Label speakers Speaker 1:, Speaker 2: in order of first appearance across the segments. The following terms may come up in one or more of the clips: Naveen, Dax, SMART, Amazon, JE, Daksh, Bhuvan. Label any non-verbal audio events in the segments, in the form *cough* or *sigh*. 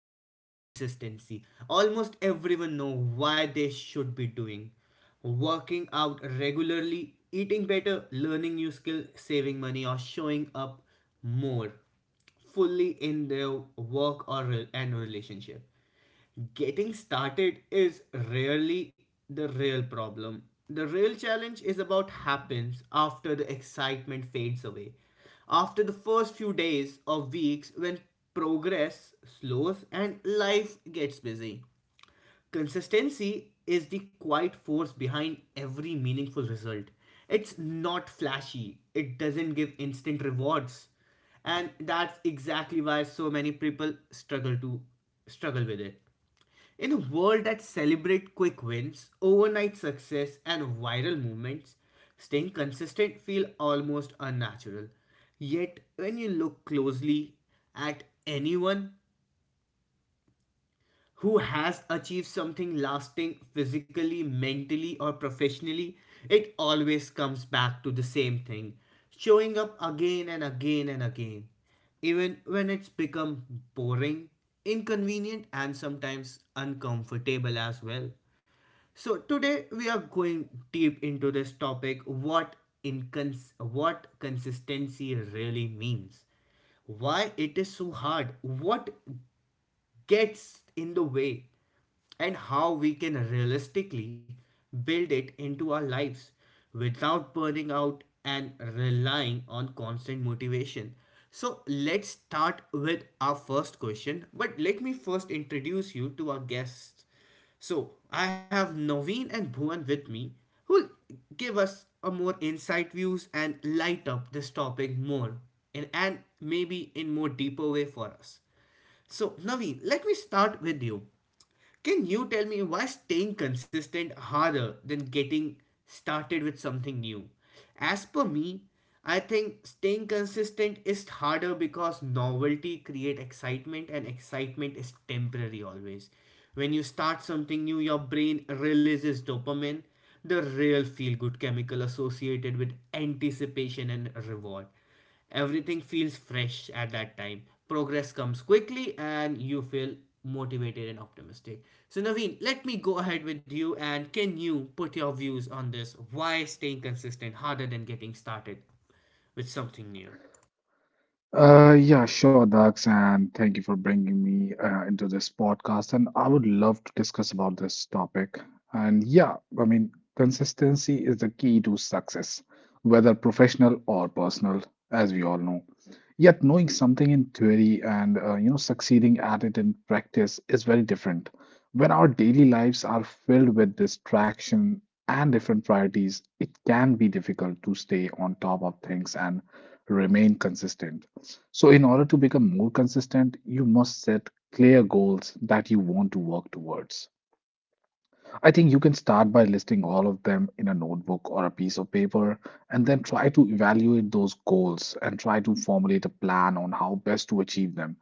Speaker 1: it's consistency. Almost everyone know why they should be doing working out regularly, eating better, learning new skill, saving money or showing up more fully in their work or and relationship. Getting started is rarely the real problem. The real challenge is about happens after the excitement fades away. After the first few days or weeks when progress slows and life gets busy. Consistency is the quiet force behind every meaningful result. It's not flashy, it doesn't give instant rewards and that's exactly why so many people struggle with it in a world that celebrates quick wins, overnight success, and viral movements, staying consistent feels almost unnatural. Yet, when you look closely at anyone who has achieved something lasting physically, mentally, or professionally, it always comes back to the same thing showing up again and again and again, even when it's become boring, inconvenient, and sometimes uncomfortable as well. So today we are going deep into this topic, what consistency really means, why it is so hard, what gets in the way, and how we can realistically build it into our lives without burning out and relying on constant motivation. So, let's start with our first question, but let me first introduce you to our guests. So, I have Naveen and Bhuvan with me who'll give us a more insight views and light up this topic more and maybe in more deeper way for us. So, Naveen, let me start with you. Can you tell me why staying consistent harder than getting started with something new? As per me, I think staying consistent is harder because novelty create excitement and excitement is temporary always. When you start something new, your brain releases dopamine, the real feel good chemical associated with anticipation and reward. Everything feels fresh at that time. Progress comes quickly and you feel motivated and optimistic. So, Naveen, let me go ahead with you and can you put your views on this? Why staying consistent harder than getting started with something new?
Speaker 2: Yeah, sure, Dax, and thank you for bringing me into this podcast. And I would love to discuss about this topic. And yeah, I mean, Consistency is the key to success, whether professional or personal, as we all know. Yet, knowing something in theory and succeeding at it in practice is very different. When our daily lives are filled with distraction and different priorities, it can be difficult to stay on top of things and remain consistent. So, in order to become more consistent, you must set clear goals that you want to work towards. I think you can start by listing all of them in a notebook or a piece of paper, and then try to evaluate those goals and try to formulate a plan on how best to achieve them.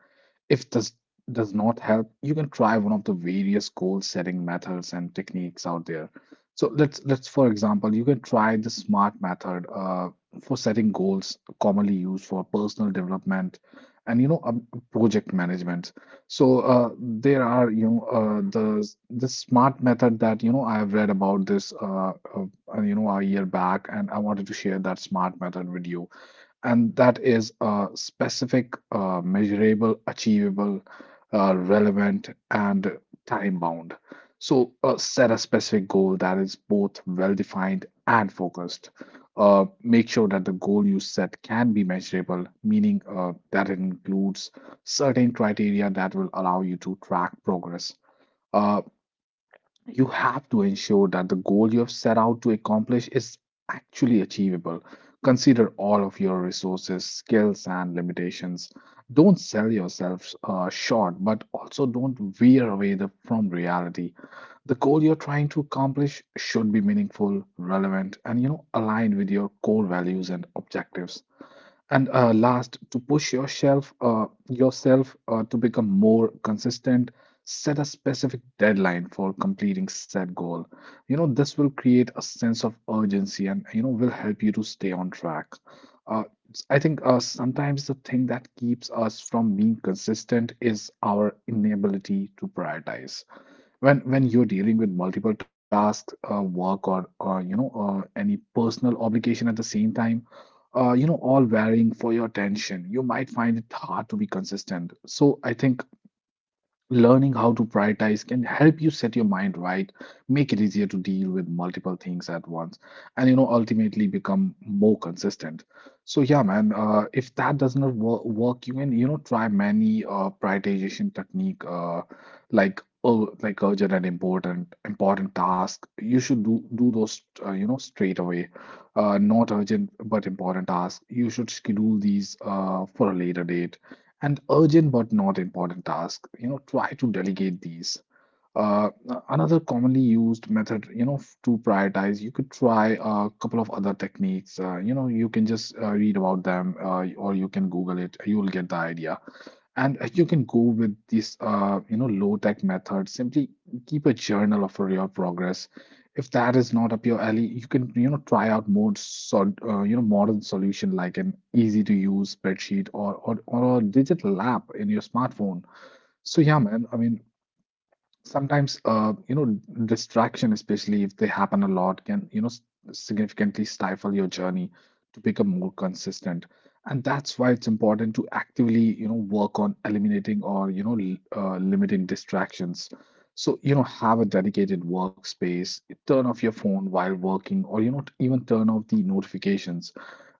Speaker 2: If this does not help, you can try one of the various goal setting methods and techniques out there. So let's, for example, you can try the SMART method for setting goals, commonly used for personal development and project management. So there are, you know, the SMART method that, you know, I've read about this a year back, and I wanted to share that SMART method with you, and that is a specific, measurable, achievable, relevant, and time bound. So, set a specific goal that is both well defined and focused. Make sure that the goal you set can be measurable, meaning that it includes certain criteria that will allow you to track progress. Uh, you have to ensure that the goal you have set out to accomplish is actually achievable. Consider all of your resources, skills, and limitations. Don't sell yourself short, but also don't veer away from reality. The goal you're trying to accomplish should be meaningful, relevant, and, you know, aligned with your core values and objectives. And last, to push yourself, to become more consistent, set a specific deadline for completing said goal. You know, this will create a sense of urgency and, you know, will help you to stay on track. Uh, I think sometimes the thing that keeps us from being consistent is our inability to prioritize when you're dealing with multiple tasks, work or any personal obligation at the same time, you know, all varying for your attention, you might find it hard to be consistent. So I think learning how to prioritize can help you set your mind right, make it easier to deal with multiple things at once, and, you know, ultimately become more consistent. So yeah, man, if that does not work, you can, you know, try many prioritization technique, like like urgent and important task. You should do those, you know, straight away, not urgent but important task. You should schedule these for a later date, and urgent but not important tasks, you know, try to delegate these. uh, Another commonly used method, you know, to prioritize, you could try a couple of other techniques. You know, you can just read about them or you can Google it. You'll get the idea. And you can go with this, you know, low-tech method. Simply keep a journal of your progress. If that is not up your alley, you can, you know, try out more, so, you know, modern solution like an easy-to-use spreadsheet or a digital app in your smartphone. So yeah, man. I mean, sometimes distraction, especially if they happen a lot, can, you know, significantly stifle your journey to become more consistent, and that's why it's important to actively, you know, work on eliminating or, you know, limiting distractions. So, you know, have a dedicated workspace, turn off your phone while working, or, you know, even turn off the notifications,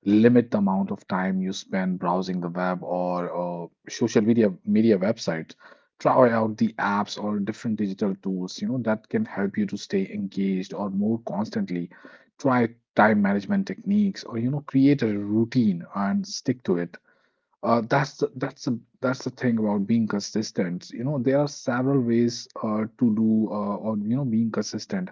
Speaker 2: limit the amount of time you spend browsing the web or social media websites, try out the apps or different digital tools, you know, that can help you to stay engaged or more constantly, try time management techniques, or, you know, create a routine and stick to it. That's the thing about being consistent. You know, there are several ways to do, or, you know, being consistent.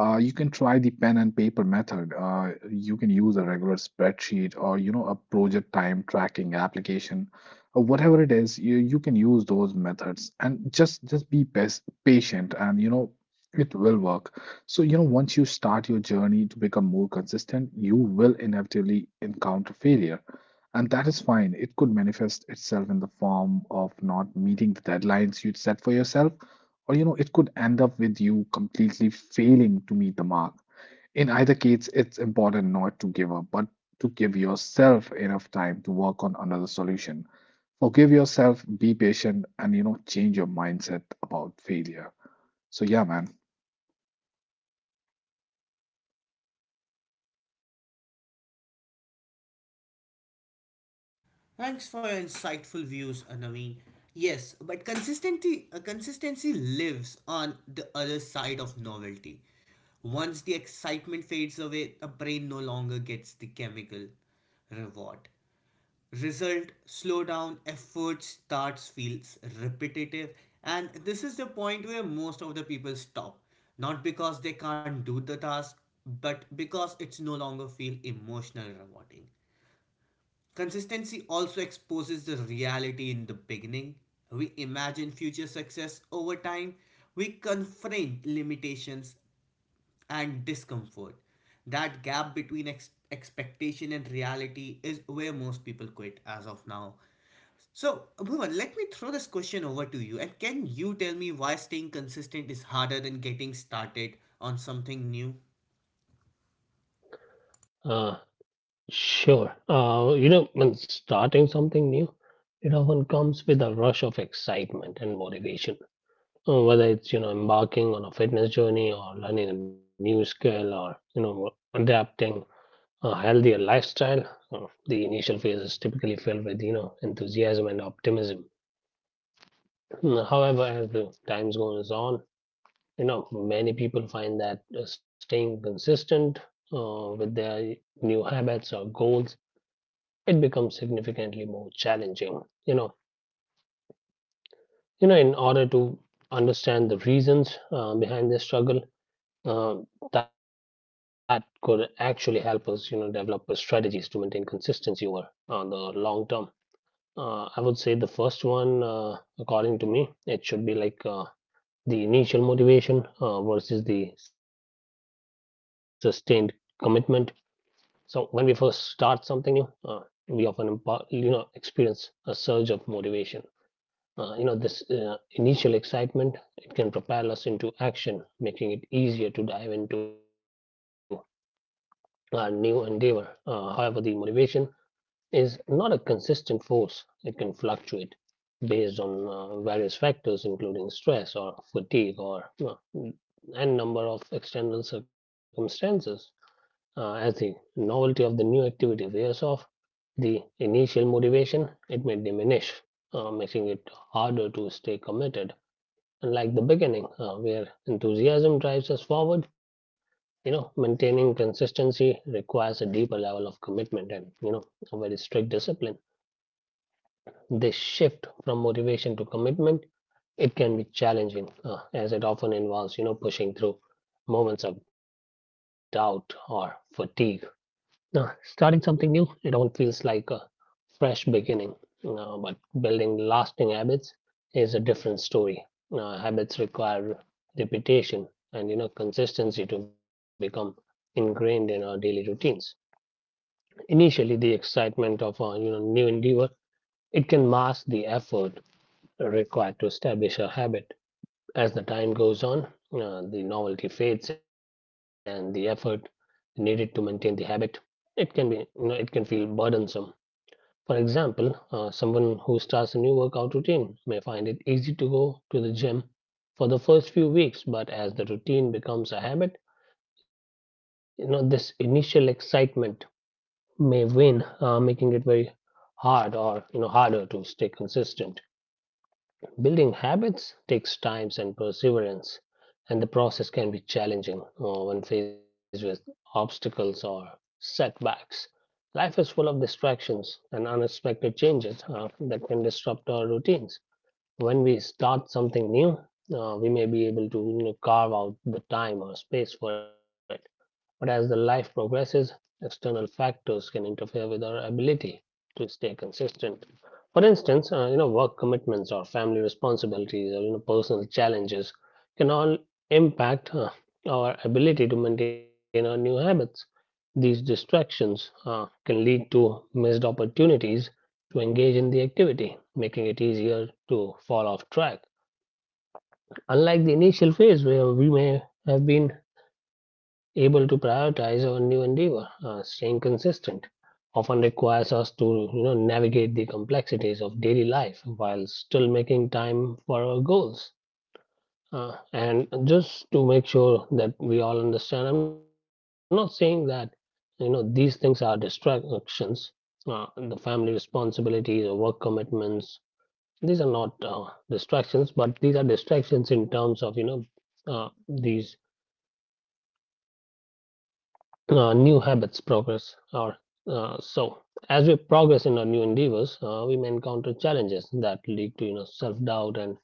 Speaker 2: You can try the pen and paper method. You can use a regular spreadsheet, or, you know, a project time tracking application, or whatever it is. You can use those methods and just be pas patient, and you know it will work. So, you know, once you start your journey to become more consistent, you will inevitably encounter failure, and that is fine. It could manifest itself in the form of not meeting the deadlines you'd set for yourself, or, you know, it could end up with you completely failing to meet the mark. In either case, it's important not to give up, but to give yourself enough time to work on another solution. Forgive yourself, be patient, and, you know, change your mindset about failure. So, yeah, man.
Speaker 1: Thanks for your insightful views, Naveen. Yes, but consistency lives on the other side of novelty. Once the excitement fades away, the brain no longer gets the chemical reward. Result slow down, effort starts feels repetitive, and this is the point where most of the people stop. Not because they can't do the task, but because it's no longer feel emotionally rewarding. Consistency also exposes the reality in the beginning. We imagine future success over time. We confront limitations and discomfort. That gap between expectation and reality is where most people quit as of now. So, Bhuvan, let me throw this question over to you. And can you tell me why staying consistent is harder than getting started on something new?
Speaker 3: Uh, sure. You know, when starting something new, it often comes with a rush of excitement and motivation. Whether it's, you know, embarking on a fitness journey or learning a new skill or, you know, adapting a healthier lifestyle, the initial phase is typically filled with, you know, enthusiasm and optimism. However, as the time goes on, you know, many people find that staying consistent with their new habits or goals, it becomes significantly more challenging. You know, in order to understand the reasons behind this struggle, uh, that could actually help us, you know, develop strategies to maintain consistency over the long term. I would say the first one, according to me, it should be like the initial motivation versus the sustained commitment. So when we first start something new, we often you know, experience a surge of motivation. You know, this initial excitement, it can propel us into action, making it easier to dive into our new endeavor. However, the motivation is not a consistent force. It can fluctuate based on various factors, including stress or fatigue or n number of external circumstances. As the novelty of the new activity wears off, the initial motivation, it may diminish, making it harder to stay committed. Unlike the beginning, where enthusiasm drives us forward, you know, maintaining consistency requires a deeper level of commitment and, you know, a very strict discipline. This shift from motivation to commitment, it can be challenging, as it often involves, you know, pushing through moments of doubt or fatigue. Now, starting something new, it often feels like a fresh beginning, but building lasting habits is a different story. Habits require repetition and, you know, consistency to become ingrained in our daily routines. Initially, the excitement of a, you know, new endeavor, it can mask the effort required to establish a habit. As the time goes on, the novelty fades and the effort needed to maintain the habit, it can be you know, it can feel burdensome. For example, someone who starts a new workout routine may find it easy to go to the gym for the first few weeks, but as the routine becomes a habit, you know, this initial excitement may wane, making it very hard or, you know, harder to stay consistent. Building habits takes time and perseverance, and the process can be challenging when faced with obstacles or setbacks. Life is full of distractions and unexpected changes that can disrupt our routines. When we start something new, we may be able to, you know, carve out the time or space for it. But as the life progresses, external factors can interfere with our ability to stay consistent. For instance, you know, work commitments or family responsibilities or, you know, personal challenges can all impact our ability to maintain our new habits. These distractions can lead to missed opportunities to engage in the activity, making it easier to fall off track. Unlike the initial phase where we may have been able to prioritize our new endeavor, staying consistent often requires us to, you know, navigate the complexities of daily life while still making time for our goals. Uh, and just to make sure that we all understand, I'm not saying that, you know, these things are distractions. The family responsibilities or work commitments, these are not distractions, but these are distractions in terms of, you know, these new habits progress or so. As we progress in our new endeavors, we may encounter challenges that lead to, you know, self doubt and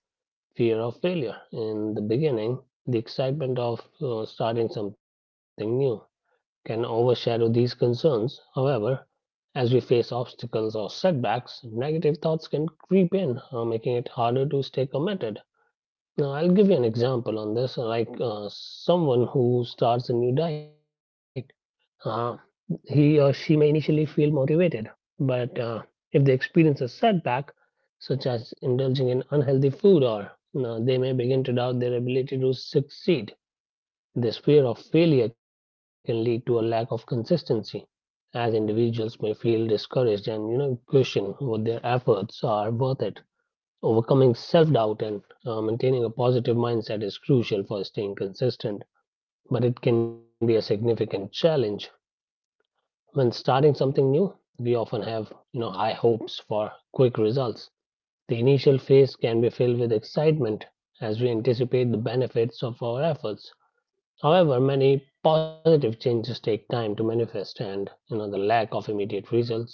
Speaker 3: fear of failure. In the beginning, the excitement of starting something new can overshadow these concerns. However, as we face obstacles or setbacks, negative thoughts can creep in, making it harder to stay committed. Now, I'll give you an example on this, like someone who starts a new diet, uh, he or she may initially feel motivated, but if they experience a setback, such as indulging in unhealthy food, or they may begin to doubt their ability to succeed. This fear of failure can lead to a lack of consistency, as individuals may feel discouraged and, you know, question what their efforts are worth it. Overcoming self-doubt and maintaining a positive mindset is crucial for staying consistent, but it can be a significant challenge. When starting something new, we often have, you know, high hopes for quick results. The initial phase can be filled with excitement as we anticipate the benefits of our efforts. However, many positive changes take time to manifest, and, you know, the lack of immediate results,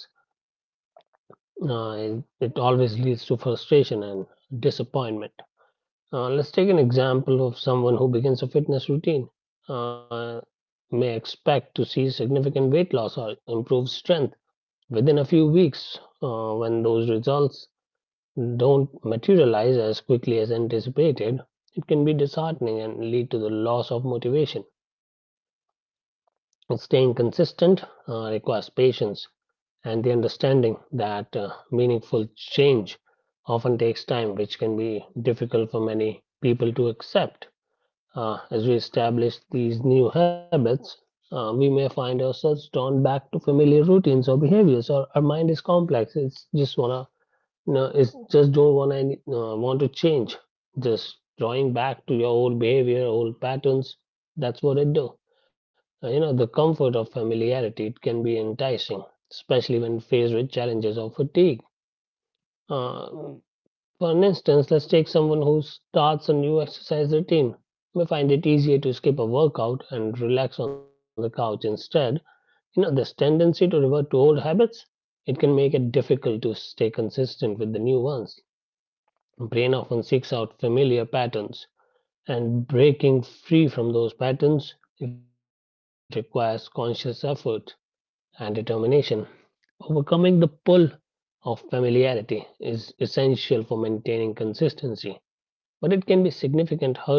Speaker 3: it always leads to frustration and disappointment. Let's take an example of someone who begins a fitness routine. Uh, may expect to see significant weight loss or improved strength within a few weeks. Uh, when those results don't materialize as quickly as anticipated, it can be disheartening and lead to the loss of motivation. Staying consistent requires patience and the understanding that meaningful change often takes time, which can be difficult for many people to accept. As we establish these new habits, we may find ourselves drawn back to familiar routines or behaviors, or our mind is complex. It's just wanna, no, it's just don't want any, want to change. Just drawing back to your old behavior, old patterns. That's what it do. You know, the comfort of familiarity, it can be enticing, especially when faced with challenges or fatigue. Uh, for an instance, let's take someone who starts a new exercise routine. May find it easier to skip a workout and relax on the couch instead. You know, this tendency to revert to old habits, it can make it difficult to stay consistent with the new ones. Brain often seeks out familiar patterns, and breaking free from those patterns, it requires conscious effort and determination. Overcoming the pull of familiarity is essential for maintaining consistency, but it can be a significant hurdle.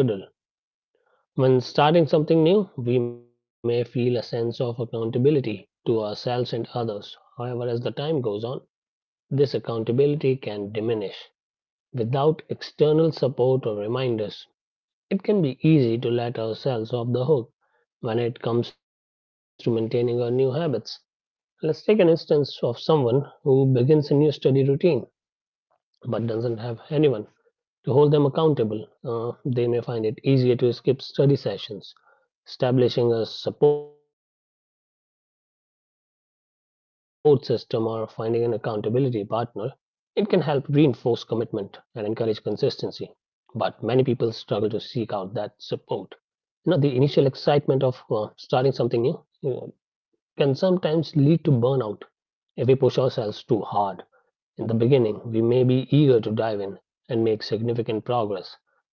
Speaker 3: When starting something new, we may feel a sense of accountability to ourselves and others. However, as the time goes on, this accountability can diminish. Without external support or reminders, it can be easy to let ourselves off the hook when it comes to maintaining our new habits. Let's take an instance of someone who begins a new study routine but doesn't have anyone to hold them accountable. They may find it easier to skip study sessions. Establishing a support system or finding an accountability partner, it can help reinforce commitment and encourage consistency. But many people struggle to seek out that support. No, the initial excitement of starting something new, uh, can sometimes lead to burnout if we push ourselves too hard. In the beginning, we may be eager to dive in and make significant progress,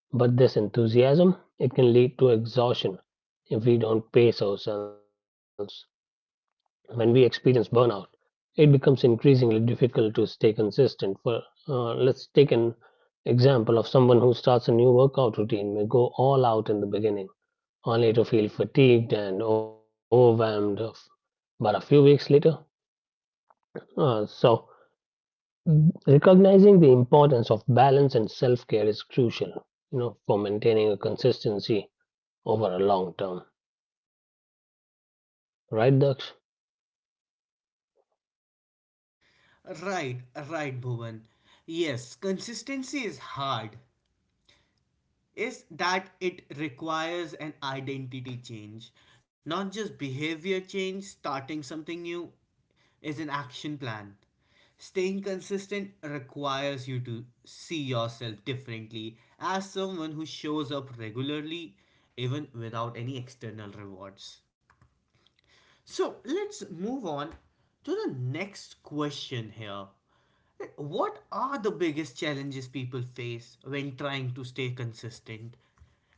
Speaker 3: but this enthusiasm, it can lead to exhaustion if we don't pace ourselves. When we experience burnout, it becomes increasingly difficult to stay consistent. For let's take an example of someone who starts a new workout routine may go all out in the beginning only to feel fatigued and but a few weeks later. So, recognizing the importance of balance and self care is crucial, you know, for maintaining a consistency over a long term. Right, Daksh?
Speaker 1: Right, right, Bhuvan. Yes, consistency is hard. Is that it requires an identity change, not just behavior change, starting something new is an action plan. Staying consistent requires you to see yourself differently as someone who shows up regularly even without any external rewards. So let's move on to the next question here. What are the biggest challenges people face when trying to stay consistent?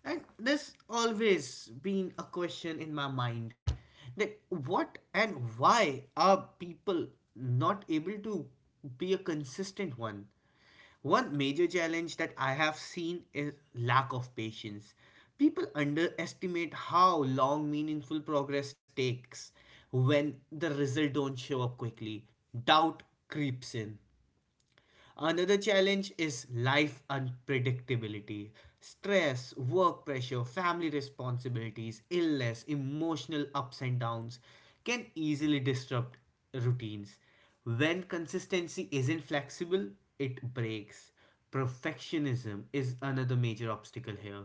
Speaker 1: And this always been a question in my mind that what and why are people not able to be a consistent one? One major challenge that I have seen is lack of patience. People underestimate how long meaningful progress takes when the result don't show up quickly. Doubt creeps in. Another challenge is life unpredictability. Stress, work pressure, family responsibilities, illness, emotional ups and downs can easily disrupt routines. When consistency isn't flexible, it breaks. Perfectionism is another major obstacle here.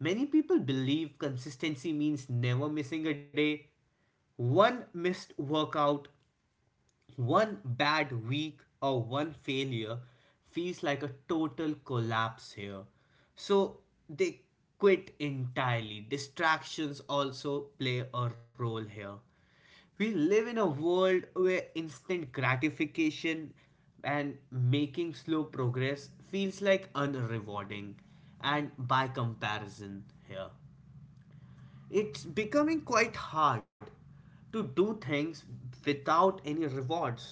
Speaker 1: Many people believe consistency means never missing a day, one missed workout, one bad week or one failure feels like a total collapse here. So they quit entirely. Distractions also play a role here. We live in a world where instant gratification and making slow progress feels like unrewarding and by comparison here. It's becoming quite hard to do things without any rewards.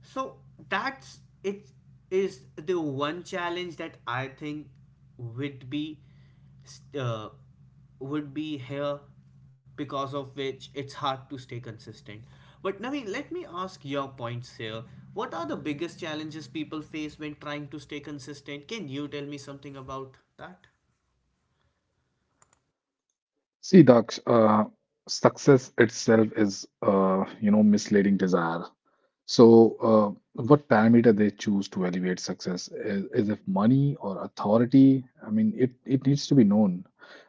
Speaker 1: So that's it is the one challenge that I think would be uh, would be here because of which it's hard to stay consistent. But Naveen, let me ask your points here. What are the biggest challenges people face when trying to stay consistent? Can you tell me something about that?
Speaker 2: See, Daksh, success itself is, misleading desire. So, what parameter they choose to evaluate success is if money or authority, I mean, it needs to be known.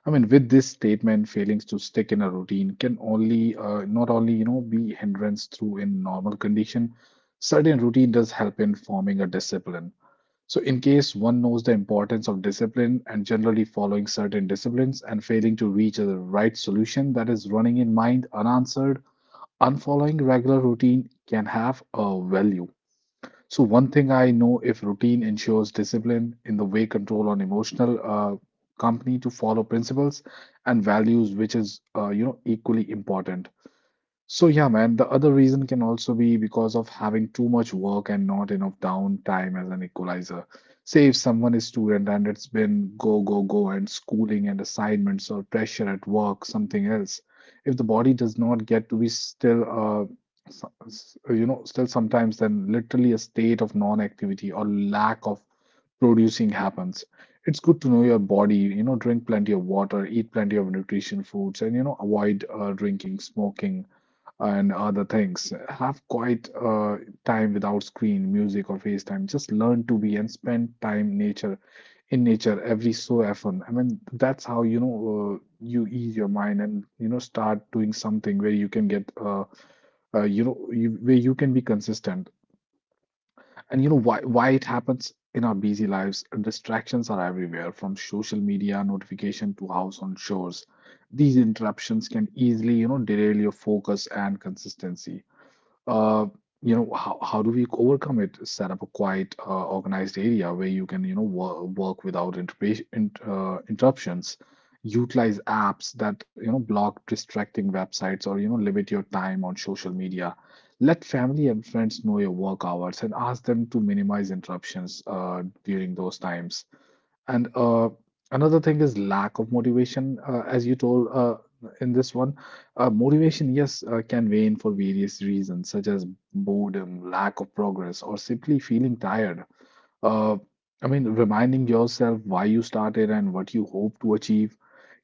Speaker 2: I mean, with this statement, failings to stick in a routine can not only, you know, be hindrance through in normal condition, certain routine does help in forming a discipline. So, in case one knows the importance of discipline and generally following certain disciplines and failing to reach the right solution that is running in mind unanswered, unfollowing regular routine can have a value. So, one thing I know, if routine ensures discipline in the way control on emotional company to follow principles and values, which is, you know, equally important. So yeah, man, the other reason can also be because of having too much work and not enough downtime as an equalizer. Say if someone is student and it's been go, go, go, and schooling and assignments or pressure at work, something else. If the body does not get to be still, you know, still sometimes, then literally a state of non-activity or lack of producing happens. It's good to know your body, you know, drink plenty of water, eat plenty of nutrition foods, and, you know, avoid drinking, smoking, and other things. Have quiet time without screen, music, or FaceTime. Just learn to be and spend time nature in nature every so often. I mean, that's how, you know, you ease your mind, and, you know, start doing something where you can get where you can be consistent. And you know why it happens in our busy lives. Distractions are everywhere, from social media notification to house on shores. These interruptions can easily, you know, derail your focus and consistency. uh, you know, how do we overcome it? Set up a quiet, organized area where you can, you know, work without interruptions. Utilize apps that, you know, block distracting websites, or, you know, limit your time on social media. Let family and friends know your work hours and ask them to minimize interruptions during those times, and another thing is lack of motivation. As you told, in this one, motivation, yes, can wane for various reasons, such as boredom, lack of progress, or simply feeling tired. Uh, I mean, reminding yourself why you started and what you hope to achieve,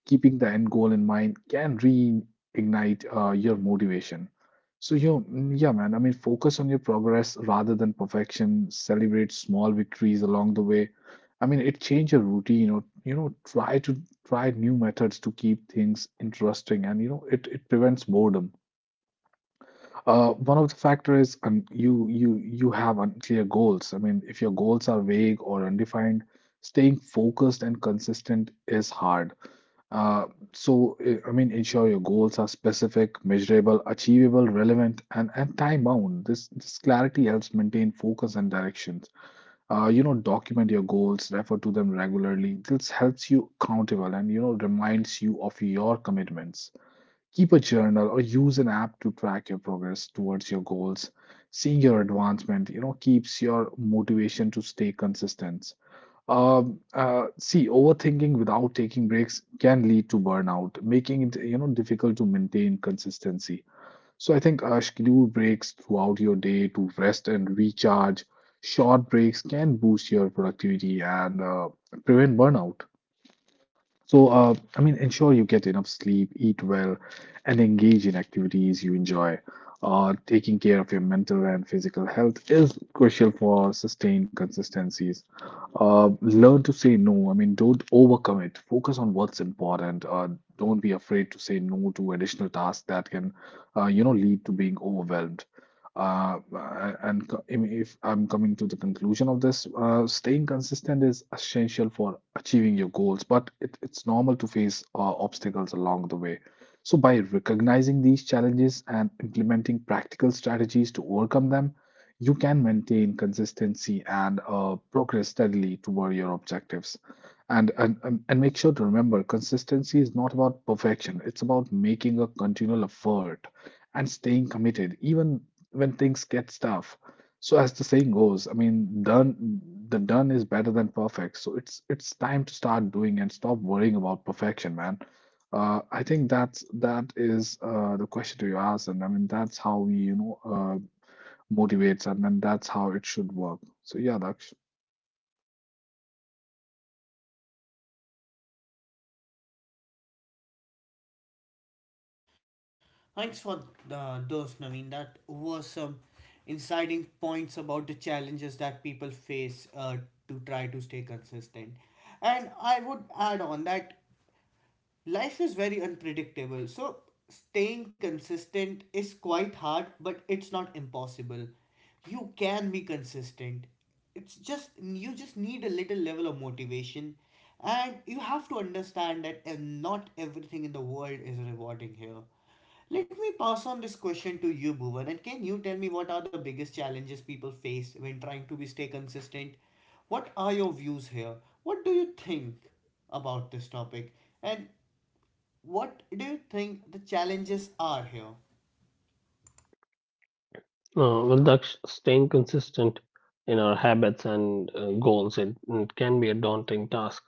Speaker 2: keeping the end goal in mind, can reignite your motivation. So, you, yeah, man, I mean, focus on your progress rather than perfection. Celebrate small victories along the way. I mean, it change your routine, or, you know, try new methods to keep things interesting, and, you know, it prevents boredom. One of the factors is you have unclear goals. I mean, if your goals are vague or undefined, staying focused and consistent is hard. Uh, so, I mean, ensure your goals are specific, measurable, achievable, relevant, and time bound. This clarity helps maintain focus and directions. You know, document your goals, refer to them regularly. This helps you accountable and, you know, reminds you of your commitments. Keep a journal or use an app to track your progress towards your goals. Seeing your advancement, you know, keeps your motivation to stay consistent. See, overthinking without taking breaks can lead to burnout, making it, you know, difficult to maintain consistency. So I think schedule breaks throughout your day to rest and recharge. Short breaks can boost your productivity and prevent burnout. So ensure you get enough sleep, eat well, and engage in activities you enjoy. Taking care of your mental and physical health is crucial for sustained consistencies. Learn to say no. I mean, don't overcommit. Focus on what's important. Don't be afraid to say no to additional tasks that can, you know, lead to being overwhelmed. Uh, and co- if I'm coming to the conclusion of this, staying consistent is essential for achieving your goals, but it's normal to face obstacles along the way. So, by recognizing these challenges and implementing practical strategies to overcome them, you can maintain consistency and progress steadily toward your objectives. And make sure to remember, consistency is not about perfection. It's about making a continual effort and staying committed, even when things get tough. So, as the saying goes, done is better than perfect. So it's time to start doing and stop worrying about perfection, man. I think that is the question to ask, and I mean that's how we motivates, and then that's how it should work. So yeah, Daksh.
Speaker 1: Thanks for the, those, Naveen. That was some inciting points about the challenges that people face to try to stay consistent. And I would add on that life is very unpredictable, so staying consistent is quite hard, but it's not impossible. You can be consistent. It's just you just need a little level of motivation, and you have to understand that not everything in the world is rewarding here. Let me pass on this question to you, Bhuvan, and can you tell me what are the biggest challenges people face when trying to be stay consistent? What are your views here? What do you think about this topic? And what do you think the challenges are here?
Speaker 3: Well, Daksh, staying consistent in our habits and goals, it can be a daunting task.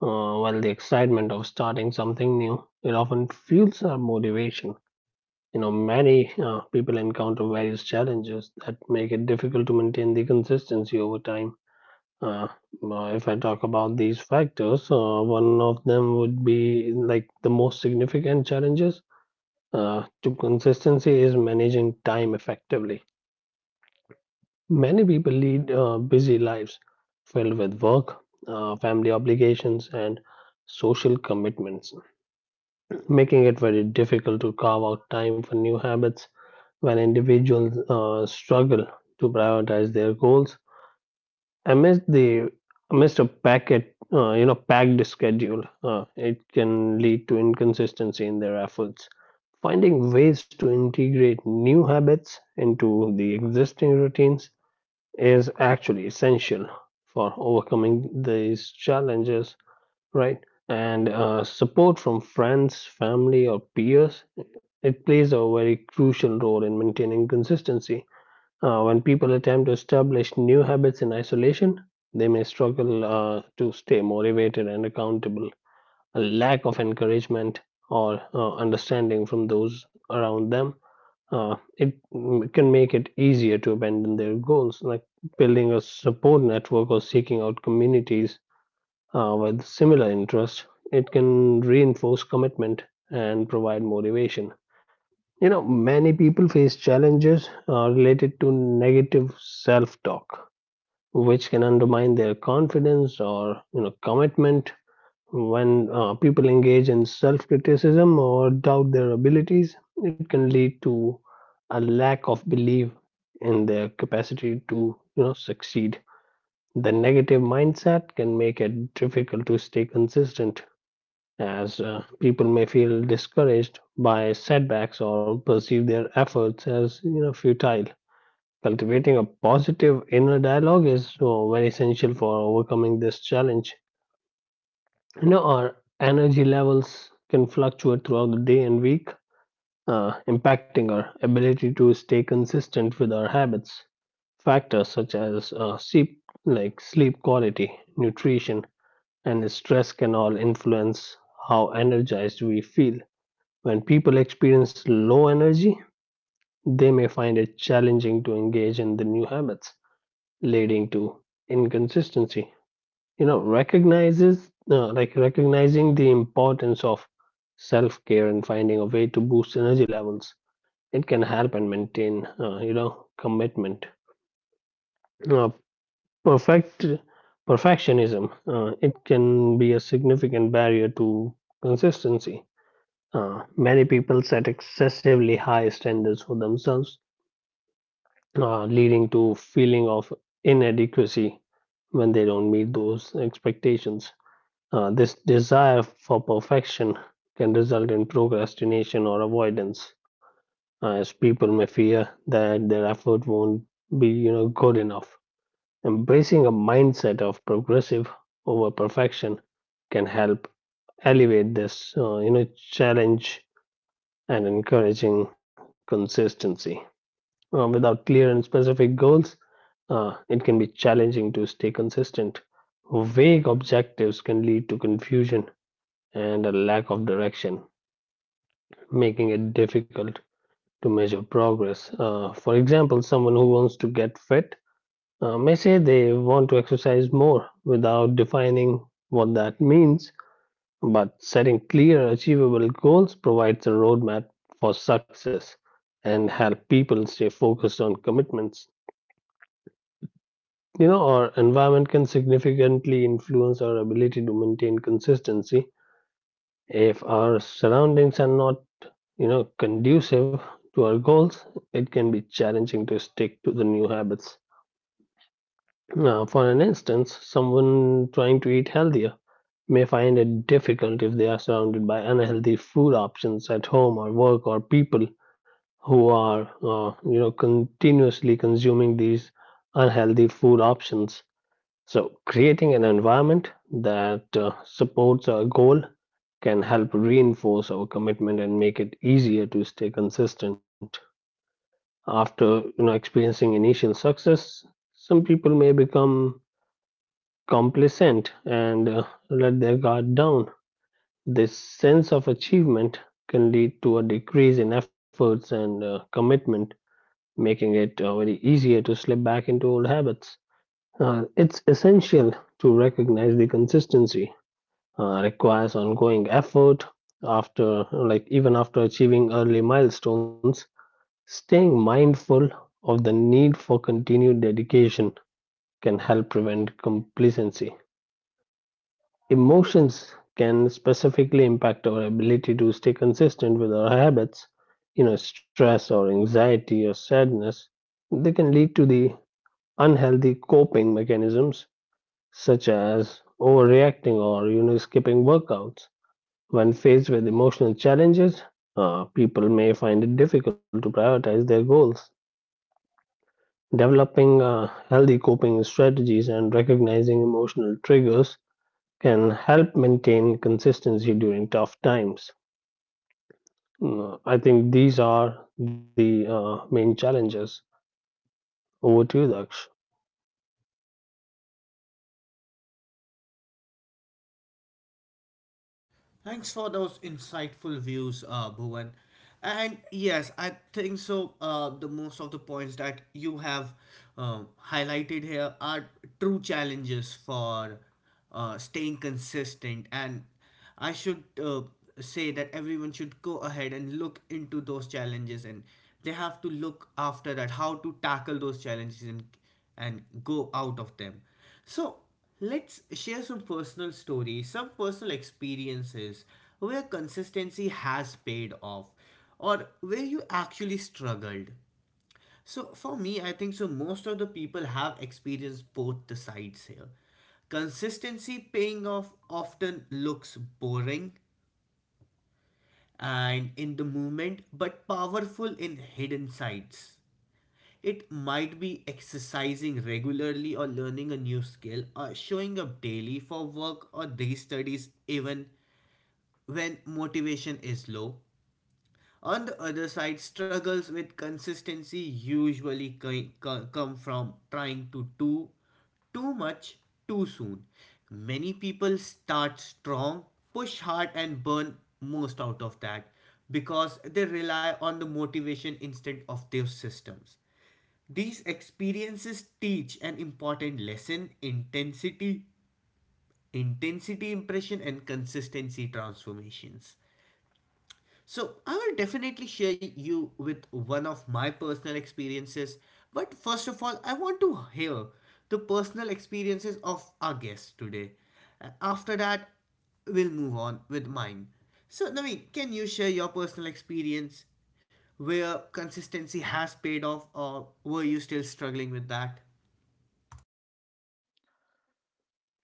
Speaker 3: While the excitement of starting something new, it often fuels our motivation. You know, many people encounter various challenges that make it difficult to maintain the consistency over time. uh, if I talk about these factors, one of them would be like the most significant challenges to consistency is managing time effectively. Many people lead busy lives filled with work, family obligations and social commitments, making it very difficult to carve out time for new habits. When individuals struggle to prioritize their goals amidst the amidst a packet, you know, packed schedule, it can lead to inconsistency in their efforts. Finding ways to integrate new habits into the existing routines is actually essential for overcoming these challenges, right? And support from friends, family, or peers, it plays a very crucial role in maintaining consistency. When people attempt to establish new habits in isolation, they may struggle to stay motivated and accountable. A lack of encouragement or understanding from those around them, can make it easier to abandon their goals, like building a support network or seeking out communities with similar interest, it can reinforce commitment and provide motivation. You know, many people face challenges related to negative self-talk, which can undermine their confidence or commitment. When people engage in self-criticism or doubt their abilities, it can lead to a lack of belief in their capacity to succeed. The negative mindset can make it difficult to stay consistent as people may feel discouraged by setbacks or perceive their efforts as futile. Cultivating a positive inner dialogue is so very essential for overcoming this challenge. You know, our energy levels can fluctuate throughout the day and week, impacting our ability to stay consistent with our habits. Factors such as sleep, like sleep quality, nutrition, and stress can all influence how energized we feel. When people experience low energy, they may find it challenging to engage in the new habits, leading to inconsistency. You know, recognizes like recognizing the importance of self-care and finding a way to boost energy levels. It can help and maintain, commitment. Uh, perfect Perfectionism. It can be a significant barrier to consistency. Many people set excessively high standards for themselves leading to feeling of inadequacy when they don't meet those expectations. This desire for perfection can result in procrastination or avoidance, as people may fear that their effort won't be, good enough. Embracing a mindset of progressive over perfection can help elevate this, challenge and encouraging consistency. Without clear and specific goals, it can be challenging to stay consistent. Vague objectives can lead to confusion and a lack of direction, making it difficult to measure progress. For example, someone who wants to get fit may say they want to exercise more without defining what that means, but setting clear, achievable goals provides a roadmap for success and help people stay focused on commitments. You know, our environment can significantly influence our ability to maintain consistency. If our surroundings are not, conducive to our goals, it can be challenging to stick to the new habits. Now, for an instance, someone trying to eat healthier may find it difficult if they are surrounded by unhealthy food options at home or work or people who are, continuously consuming these unhealthy food options. So, creating an environment that supports our goal can help reinforce our commitment and make it easier to stay consistent. After experiencing initial success, some people may become complacent and let their guard down. This sense of achievement can lead to a decrease in efforts and commitment, making it very easier to slip back into old habits. It's essential to recognize the consistency requires ongoing effort after even after achieving early milestones, staying mindful of the need for continued dedication can help prevent complacency. Emotions can specifically impact our ability to stay consistent with our habits. You know, stress or anxiety or sadness, they can lead to the unhealthy coping mechanisms such as overreacting or skipping workouts. When faced with emotional challenges, people may find it difficult to prioritize their goals. Developing healthy coping strategies and recognizing emotional triggers can help maintain consistency during tough times. Mm, I think these are the main challenges. Over to you, Daksh.
Speaker 1: Thanks for those insightful views, Bhuvan. And yes, I think so. The most of the points that you have highlighted here are true challenges for staying consistent. And I should say that everyone should go ahead and look into those challenges, and they have to look after that how to tackle those challenges and go out of them. So let's share some personal stories, some personal experiences where consistency has paid off or where you actually struggled. So for me, I think so most of the people have experienced both the sides here. Consistency paying off often looks boring and in the moment, but powerful in hidden sides. It might be exercising regularly or learning a new skill or showing up daily for work or day studies even when motivation is low. On the other side, struggles with consistency usually come from trying to do too much too soon. Many people start strong, push hard, and burn most out of that because they rely on the motivation instead of their systems. These experiences teach an important lesson intensity, intensity impression, and consistency transformations. So, I will definitely share you with one of my personal experiences, but first of all, I want to hear the personal experiences of our guests today. After that, we'll move on with mine. So, Naveen, can you share your personal experience where consistency has paid off, or were you still struggling with that?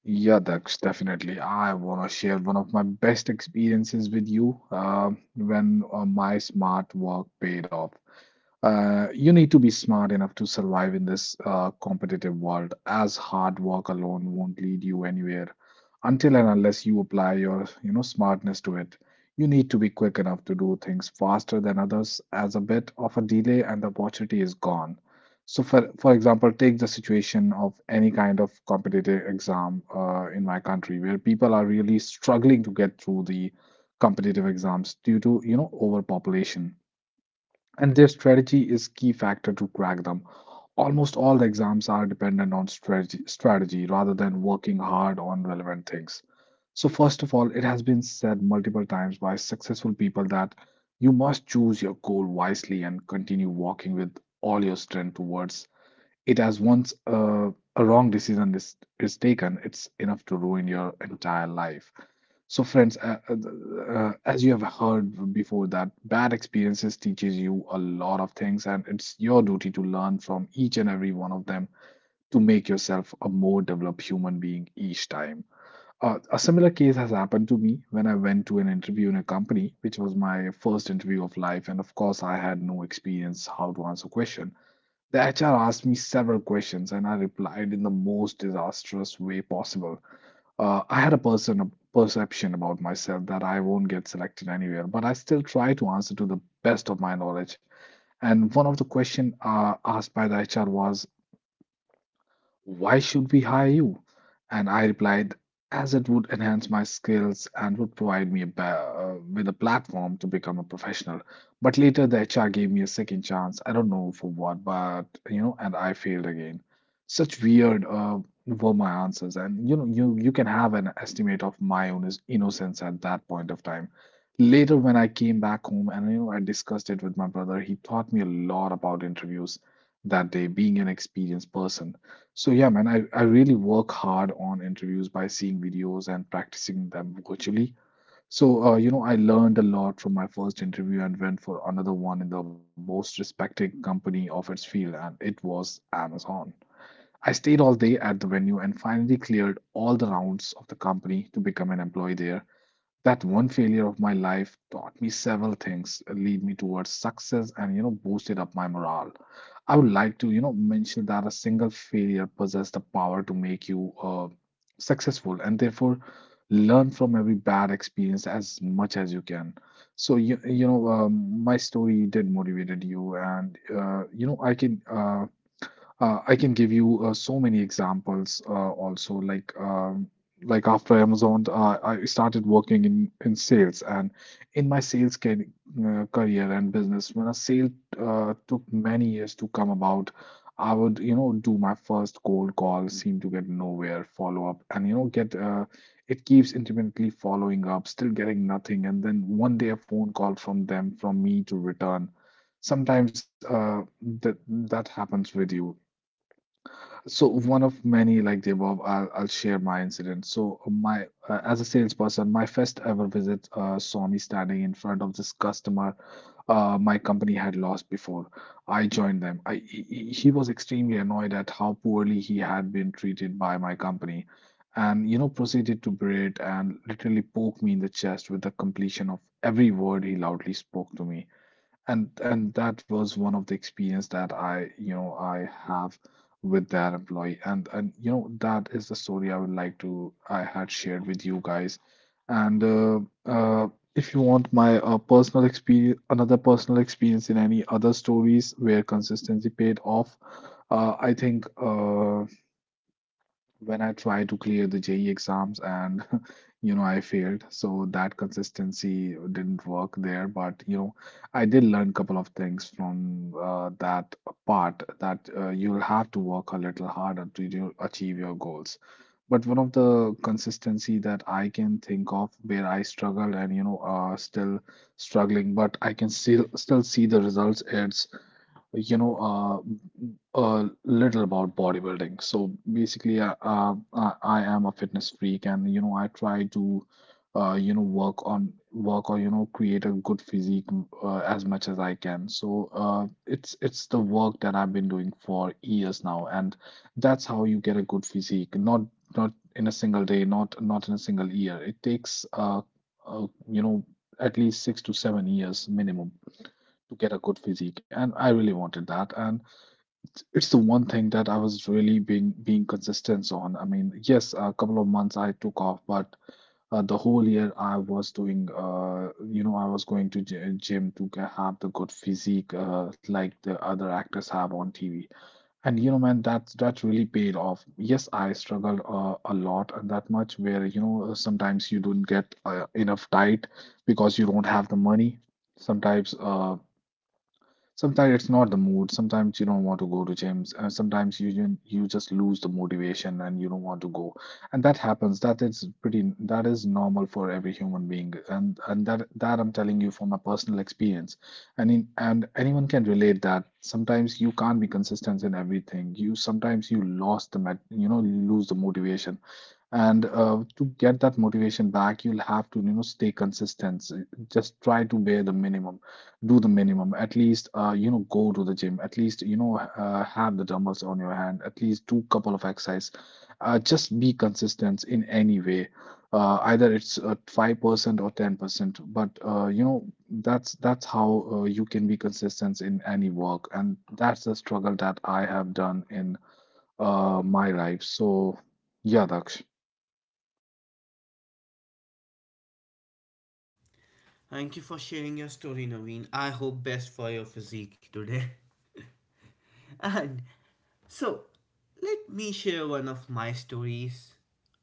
Speaker 2: Yeah, Daksh, definitely. I want to share one of my best experiences with you when my smart work paid off. You need to be smart enough to survive in this competitive world, as hard work alone won't lead you anywhere until and unless you apply your, you know, smartness to it. You need to be quick enough to do things faster than others, as a bit of a delay and the opportunity is gone. So, for example, take the situation of any kind of competitive exam in my country, where people are really struggling to get through the competitive exams due to, you know, overpopulation, and their strategy is key factor to crack them. Almost all the exams are dependent on strategy rather than working hard on relevant things. So first of all, it has been said multiple times by successful people that you must choose your goal wisely and continue walking with all your strength towards it, as once a wrong decision is taken, it's enough to ruin your entire life. So, friends, as you have heard before, that bad experiences teaches you a lot of things, and it's your duty to learn from each and every one of them to make yourself a more developed human being each time. A similar case has happened to me when I went to an interview in a company, which was my first interview of life, and of course, I had no experience how to answer question. The HR asked me several questions, and I replied in the most disastrous way possible. I had a perception about myself that I won't get selected anywhere, but I still try to answer to the best of my knowledge. And one of the questions asked by the HR was, why should we hire you? And I replied, as it would enhance my skills and would provide me with a platform to become a professional. But later, the HR gave me a second chance. I don't know for what, but you know, and I failed again. Such weird were my answers, and you know, you can have an estimate of my own innocence at that point of time. Later, when I came back home, and you know, I discussed it with my brother, he taught me a lot about interviews that day, being an experienced person. So yeah, man, I really work hard on interviews by seeing videos and practicing them virtually. So you know, I learned a lot from my first interview and went for another one in the most respected company of its field, and it was Amazon. I stayed all day at the venue and finally cleared all the rounds of the company to become an employee there. That one failure of my life taught me several things, lead me towards success, and you know, boosted up my morale. I would like to, you know, mention that a single failure possesses the power to make you successful, and therefore learn from every bad experience as much as you can. So you know, my story did motivated you, and you know, I can give you so many examples, also, like, like after Amazon, I started working in sales, and in my sales career and business when a sale took many years to come about. I would, you know, do my first cold call, seem to get nowhere, follow up, and you know, get it keeps intermittently following up, still getting nothing, and then one day a phone call from them from me to return sometimes. That happens with you. So one of many like the above, I'll share my incident. So my as a salesperson, my first ever visit saw me standing in front of this customer my company had lost before I joined them. I He was extremely annoyed at how poorly he had been treated by my company, and you know, proceeded to berate and literally poke me in the chest with the completion of every word he loudly spoke to me. And that was one of the experience that I, you know, I have with that employee. And you know, that is the story I would like to I had shared with you guys. And uh, if you want my personal experience, another personal experience in any other stories where consistency paid off, I think when I tried to clear the JE exams and *laughs* you know, I failed. So that consistency didn't work there. But you know, I did learn a couple of things from that part, that you'll have to work a little harder to achieve your goals. But one of the consistency that I can think of where I struggled, and you know, still struggling, but I can still see the results. It's you know, a little about bodybuilding. So basically, I am a fitness freak, and you know, I try to, you know, work on work or you know, create a good physique as much as I can. So it's the work that I've been doing for years now, and that's how you get a good physique. Not in a single day, not in a single year. It takes you know, at least 6 to 7 years minimum to get a good physique, and I really wanted that, and. It's the one thing that I was really being consistent on. I mean, yes, a couple of months I took off, but the whole year I was doing, you know, I was going to gym to have the good physique like the other actors have on TV. And you know, man, that's that really paid off. Yes, I struggled a lot, and that much where, you know, sometimes you don't get enough diet because you don't have the money. Sometimes uh, Sometimes it's not the mood. Sometimes you don't want to go to gyms. Sometimes you just lose the motivation and you don't want to go. And that happens. That is pretty. That is normal for every human being. And that I'm telling you from my personal experience. And anyone can relate that. Sometimes you can't be consistent in everything. You sometimes you lost the met, you know, you lose the motivation. And to get that motivation back, you'll have to, you know, stay consistent. Just try to bear the minimum, do the minimum, at least you know, go to the gym, at least you know, have the dumbbells on your hand, at least do couple of exercise, just be consistent in any way, either it's 5% or 10%, but you know, that's how you can be consistent in any work, and that's the struggle that I have done in my life. So yeah, Daksh.
Speaker 1: Thank you for sharing your story, Naveen. I hope best for your physique today. *laughs* And so, let me share one of my stories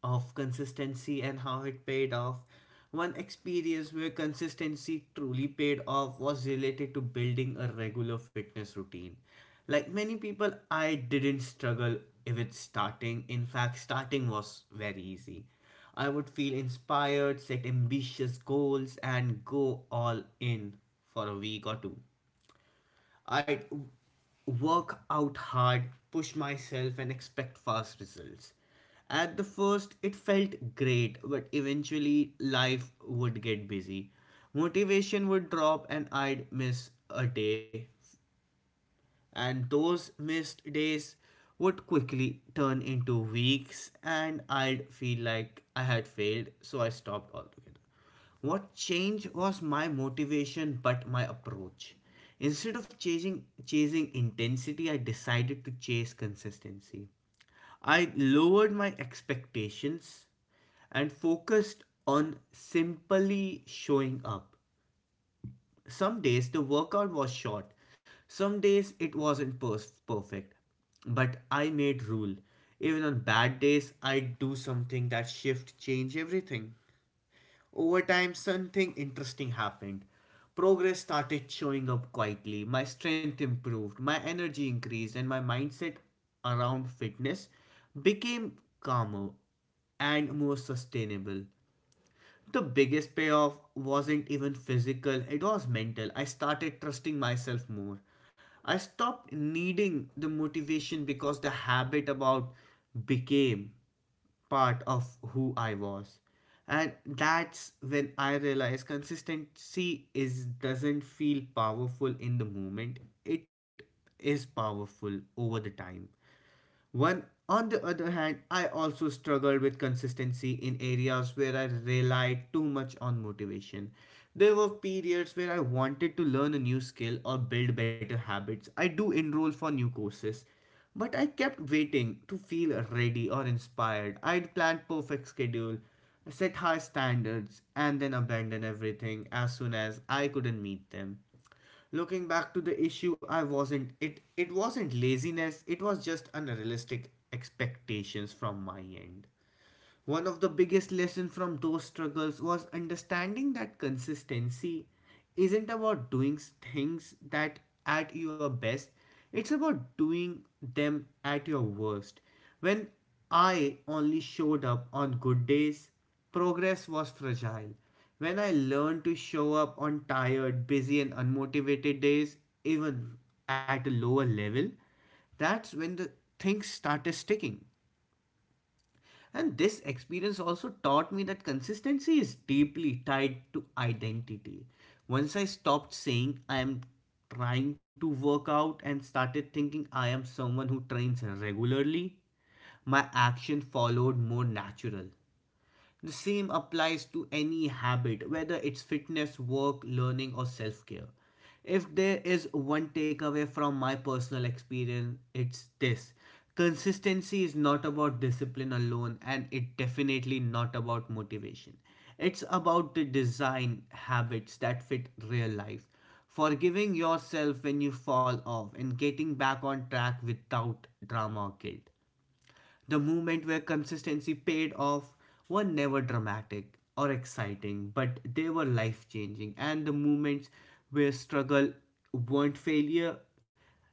Speaker 1: of consistency and how it paid off. One experience where consistency truly paid off was related to building a regular fitness routine. Like many people, I didn't struggle with starting. In fact, starting was very easy. I would feel inspired, set ambitious goals, and go all in for a week or two. I work out hard, push myself, and expect fast results. At the first, it felt great, but eventually, life would get busy. Motivation would drop, and I'd miss a day and those missed days would quickly turn into weeks and I'd feel like I had failed, so I stopped altogether. What changed was my motivation but my approach. Instead of chasing intensity, I decided to chase consistency. I lowered my expectations and focused on simply showing up. Some days the workout was short, some days it wasn't perfect, but I made rule. Even on bad days, I'd do something that shift change everything. Over time, something interesting happened. Progress started showing up quietly. My strength improved, my energy increased, and my mindset around fitness became calmer and more sustainable. The biggest payoff wasn't even physical, it was mental. I started trusting myself more. I stopped needing the motivation because the habit about became part of who I was. And that's when I realized consistency is doesn't feel powerful in the moment. It is powerful over the time. One, on the other hand, I also struggled with consistency in areas where I relied too much on motivation. There were periods where I wanted to learn a new skill or build better habits. I do enroll for new courses, but I kept waiting to feel ready or inspired. I'd plan perfect schedule, set high standards, and then abandon everything as soon as I couldn't meet them. Looking back to the issue, I wasn't it it wasn't laziness, it was just unrealistic expectations from my end. One of the biggest lessons from those struggles was understanding that consistency isn't about doing things that at your best, it's about doing them at your worst. When I only showed up on good days, progress was fragile. When I learned to show up on tired, busy, and unmotivated days, even at a lower level, that's when the things started sticking, and this experience also taught me that consistency is deeply tied to identity. Once I stopped saying I am trying to work out and started thinking I am someone who trains regularly, my action followed more natural. The same applies to any habit, whether it's fitness, work, learning, or self care. If there is one takeaway from my personal experience, it's this: consistency is not about discipline alone, and it definitely not about motivation. It's about the design habits that fit real life, forgiving yourself when you fall off, and getting back on track without drama or guilt. The moment where consistency paid off were never dramatic or exciting, but they were life changing. And the moments where struggle weren't failure,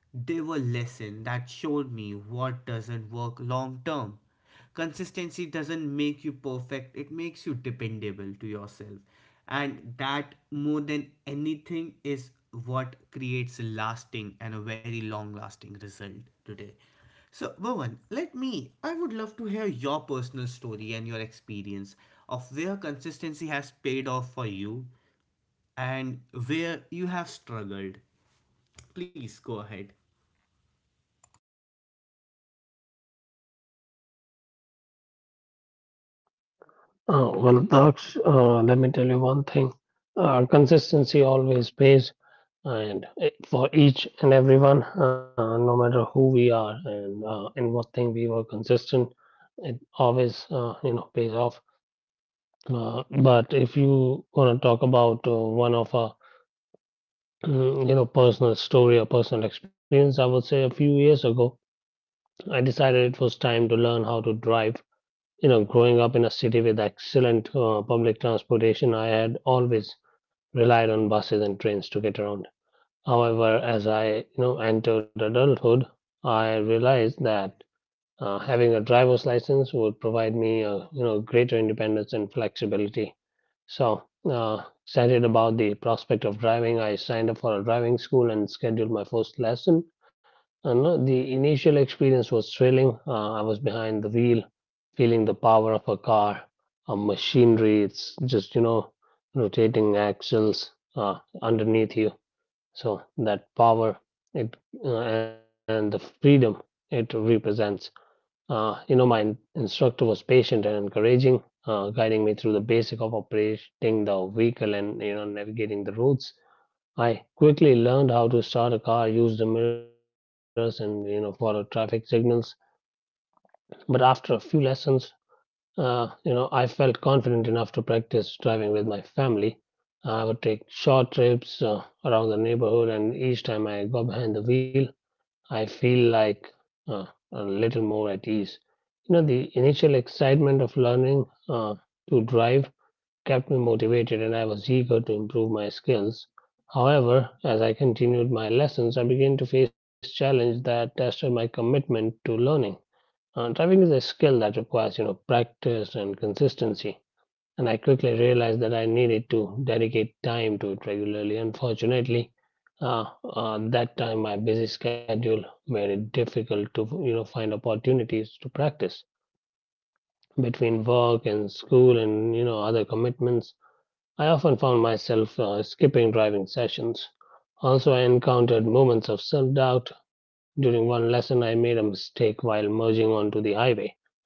Speaker 1: they were lessons that showed me what doesn't work long term. Consistency doesn't make you perfect, it makes you dependable to yourself, and that, more than anything, is what creates a lasting and a very long lasting result today. So Bhavan, let me I would love to hear your personal story and your experience of where consistency has paid off for you, and where you have struggled. Please go ahead.
Speaker 3: Well, that's, let me tell you one thing. Consistency always pays, and it, for each and everyone, no matter who we are and in what thing we were consistent, it always, pays off. But if you want to talk about one of our, *clears throat* you know, personal story or personal experience, I would say a few years ago, I decided it was time to learn how to drive. You know, growing up in a city with excellent public transportation, I had always relied on buses and trains to get around. However, as I entered adulthood, I realized that having a driver's license would provide me a greater independence and flexibility. So, excited about the prospect of driving, I signed up for a driving school and scheduled my first lesson. No, The initial experience was thrilling. I was behind the wheel, feeling the power of a car, a machinery. It's just, you know, rotating axles underneath you. So that power it and the freedom it represents. You know, my instructor was patient and encouraging, guiding me through the basic of operating the vehicle and, you know, navigating the roads. I quickly learned how to start a car, use the mirrors, and follow traffic signals. But after a few lessons, you know, I felt confident enough to practice driving with my family. I would take short trips around the neighborhood, and each time I got behind the wheel, I feel like uh, a little more at ease. You know, the initial excitement of learning to drive kept me motivated and I was eager to improve my skills. However, as I continued my lessons, I began to face challenges that tested my commitment to learning. Driving is a skill that requires, you know, practice and consistency, and I quickly realized that I needed to dedicate time to it regularly. Unfortunately, uh, that time my busy schedule made it difficult to, you know, find opportunities to practice between work and school and other commitments. I often found myself skipping driving sessions. Also, I encountered moments of self doubt. During one lesson, I made a mistake while merging onto the highway,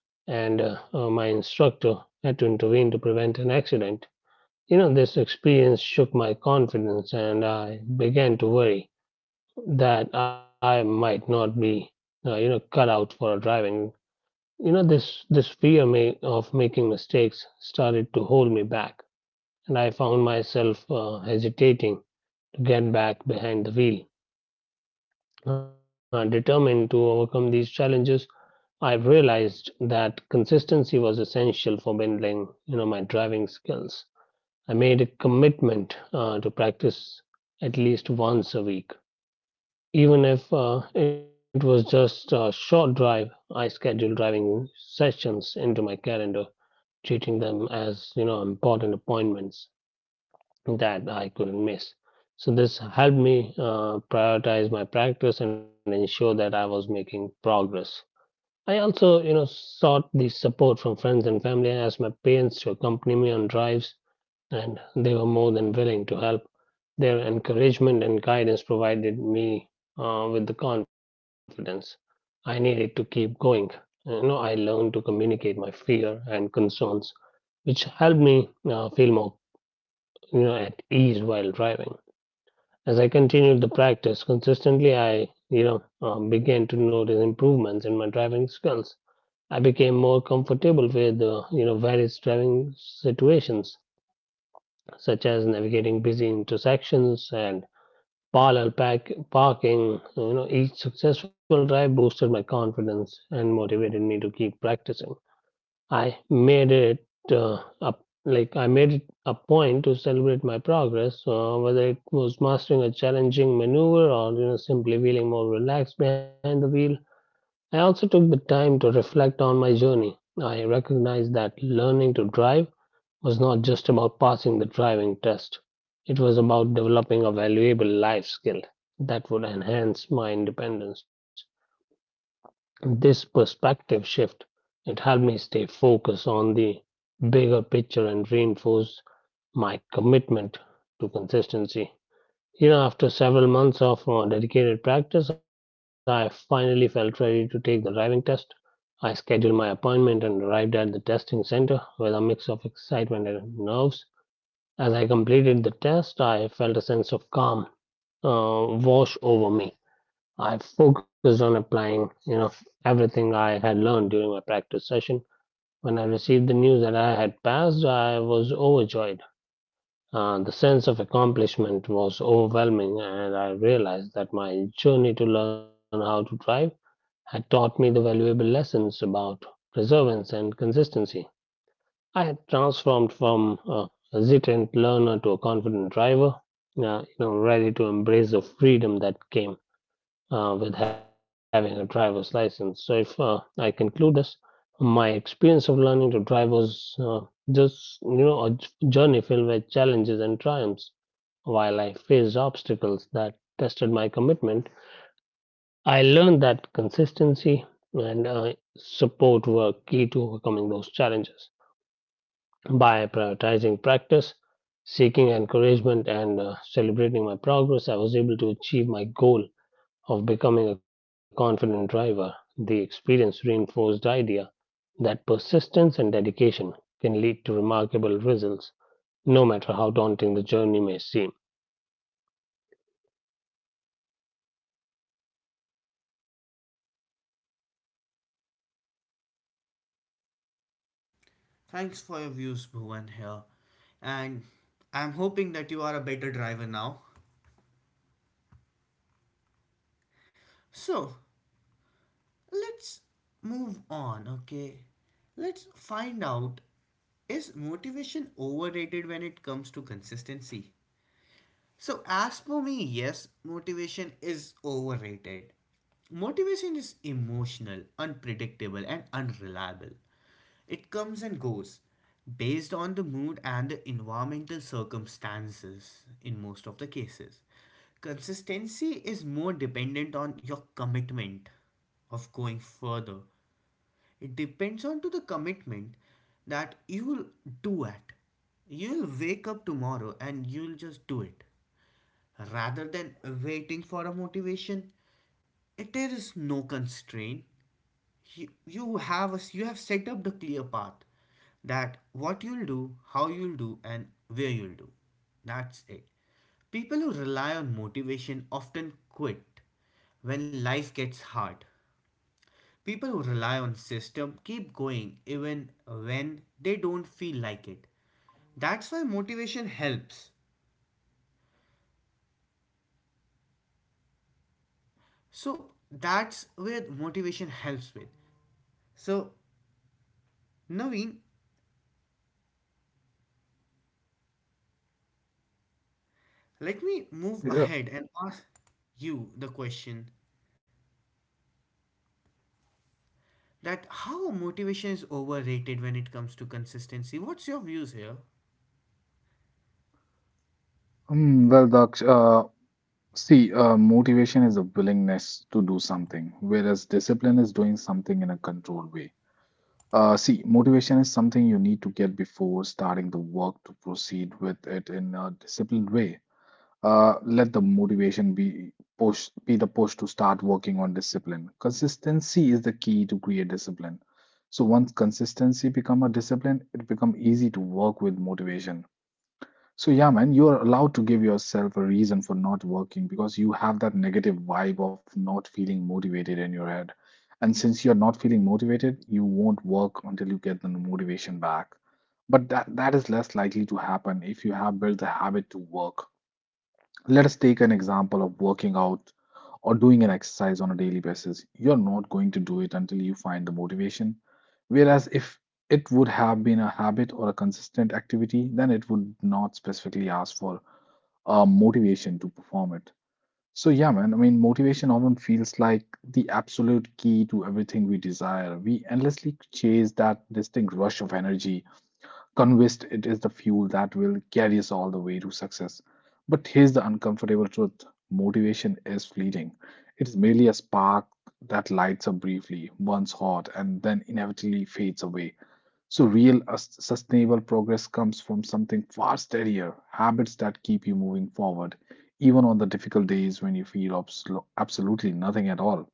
Speaker 3: and my instructor had to intervene to prevent an accident. You know, this experience shook my confidence, and I began to worry that I might not be, cut out for driving. You know, this fear may, of making mistakes started to hold me back and I found myself hesitating to get back behind the wheel. Determined to overcome these challenges, I realized that consistency was essential for building, you know, my driving skills. I made a commitment to practice at least once a week, even if it was just a short drive. I scheduled driving sessions into my calendar, treating them as important appointments that I couldn't miss. So this helped me prioritize my practice and ensure that I was making progress. I also, you know, sought the support from friends and family. I asked my parents to accompany me on drives, and they were more than willing to help. Their encouragement and guidance provided me with the confidence I needed to keep going. You know, I learned to communicate my fear and concerns, which helped me feel more, you know, at ease while driving. As I continued the practice consistently, I, began to notice improvements in my driving skills. I became more comfortable with, you know, various driving situations, such as navigating busy intersections and parking. You know, each successful drive boosted my confidence and motivated me to keep practicing. I made it I made it a point to celebrate my progress, whether it was mastering a challenging maneuver or simply feeling more relaxed behind the wheel. I also took the time to reflect on my journey. I recognized that learning to drive was not just about passing the driving test. It was about developing a valuable life skill that would enhance my independence. This perspective shift, it helped me stay focused on the bigger picture and reinforced my commitment to consistency. You know, after several months of dedicated practice, I finally felt ready to take the driving test. I scheduled my appointment and arrived at the testing center with a mix of excitement and nerves. As I completed the test, I felt a sense of calm wash over me. I focused on applying, you know, everything I had learned during my practice session. When I received the news that I had passed, I was overjoyed. The sense of accomplishment was overwhelming, and I realized that my journey to learn how to drive had taught me the valuable lessons about perseverance and consistency. I had transformed from a hesitant learner to a confident driver, you know, ready to embrace the freedom that came with having a driver's license. So, if I conclude this, my experience of learning to drive was just, you know, a journey filled with challenges and triumphs. While I faced obstacles that tested my commitment, I learned that consistency and support were key to overcoming those challenges. By prioritizing practice, seeking encouragement, and celebrating my progress, I was able to achieve my goal of becoming a confident driver. The experience reinforced the idea that persistence and dedication can lead to remarkable results, no matter how daunting the journey may seem.
Speaker 1: Thanks for your views, Bhuvan, here, and I'm hoping that you are a better driver now. So let's move on, okay? Let's find out, is motivation overrated when it comes to consistency? So, as for me, yes, motivation is overrated. Motivation is emotional, unpredictable, and unreliable. It comes and goes based on the mood and the environmental circumstances in most of the cases. Consistency is more dependent on your commitment of going further. It depends on to the commitment that you will do at. You'll wake up tomorrow and you'll just do it. Rather than waiting for a motivation, it is no constraint. you have a, you have set up the clear path, that what you'll do, how you'll do, and where you'll do. That's it. People who rely on motivation often quit when life gets hard. People who rely on system keep going even when they don't feel like it. that's why motivation helps that's where motivation helps with. So, Naveen, let me move
Speaker 2: Yeah.
Speaker 1: ahead and ask you the question, that how motivation is overrated when it comes to consistency. What's your views here?
Speaker 2: Mm, well, Daksh. See, motivation is a willingness to do something, whereas discipline is doing something in a controlled way. See, motivation is something you need to get before starting the work to proceed with it in a disciplined way. Let the motivation be push, be the push to start working on discipline. Consistency is the key to create discipline. So once consistency become a discipline, it become easy to work with motivation. So yeah, man, you are allowed to give yourself a reason for not working because you have that negative vibe of not feeling motivated in your head. And since you're not feeling motivated, you won't work until you get the motivation back. But that is less likely to happen if you have built the habit to work. Let us take an example of working out or doing an exercise on a daily basis. You're not going to do it until you find the motivation. Whereas if it would have been a habit or a consistent activity, then it would not specifically ask for a motivation to perform it. So yeah, man, I mean, motivation often feels like the absolute key to everything we desire. We endlessly chase that distinct rush of energy, convinced it is the fuel that will carry us all the way to success. But here's the uncomfortable truth: motivation is fleeting. It's merely a spark that lights up briefly, burns hot, and then inevitably fades away. So real sustainable progress comes from something far steadier: habits that keep you moving forward, even on the difficult days when you feel absolutely nothing at all.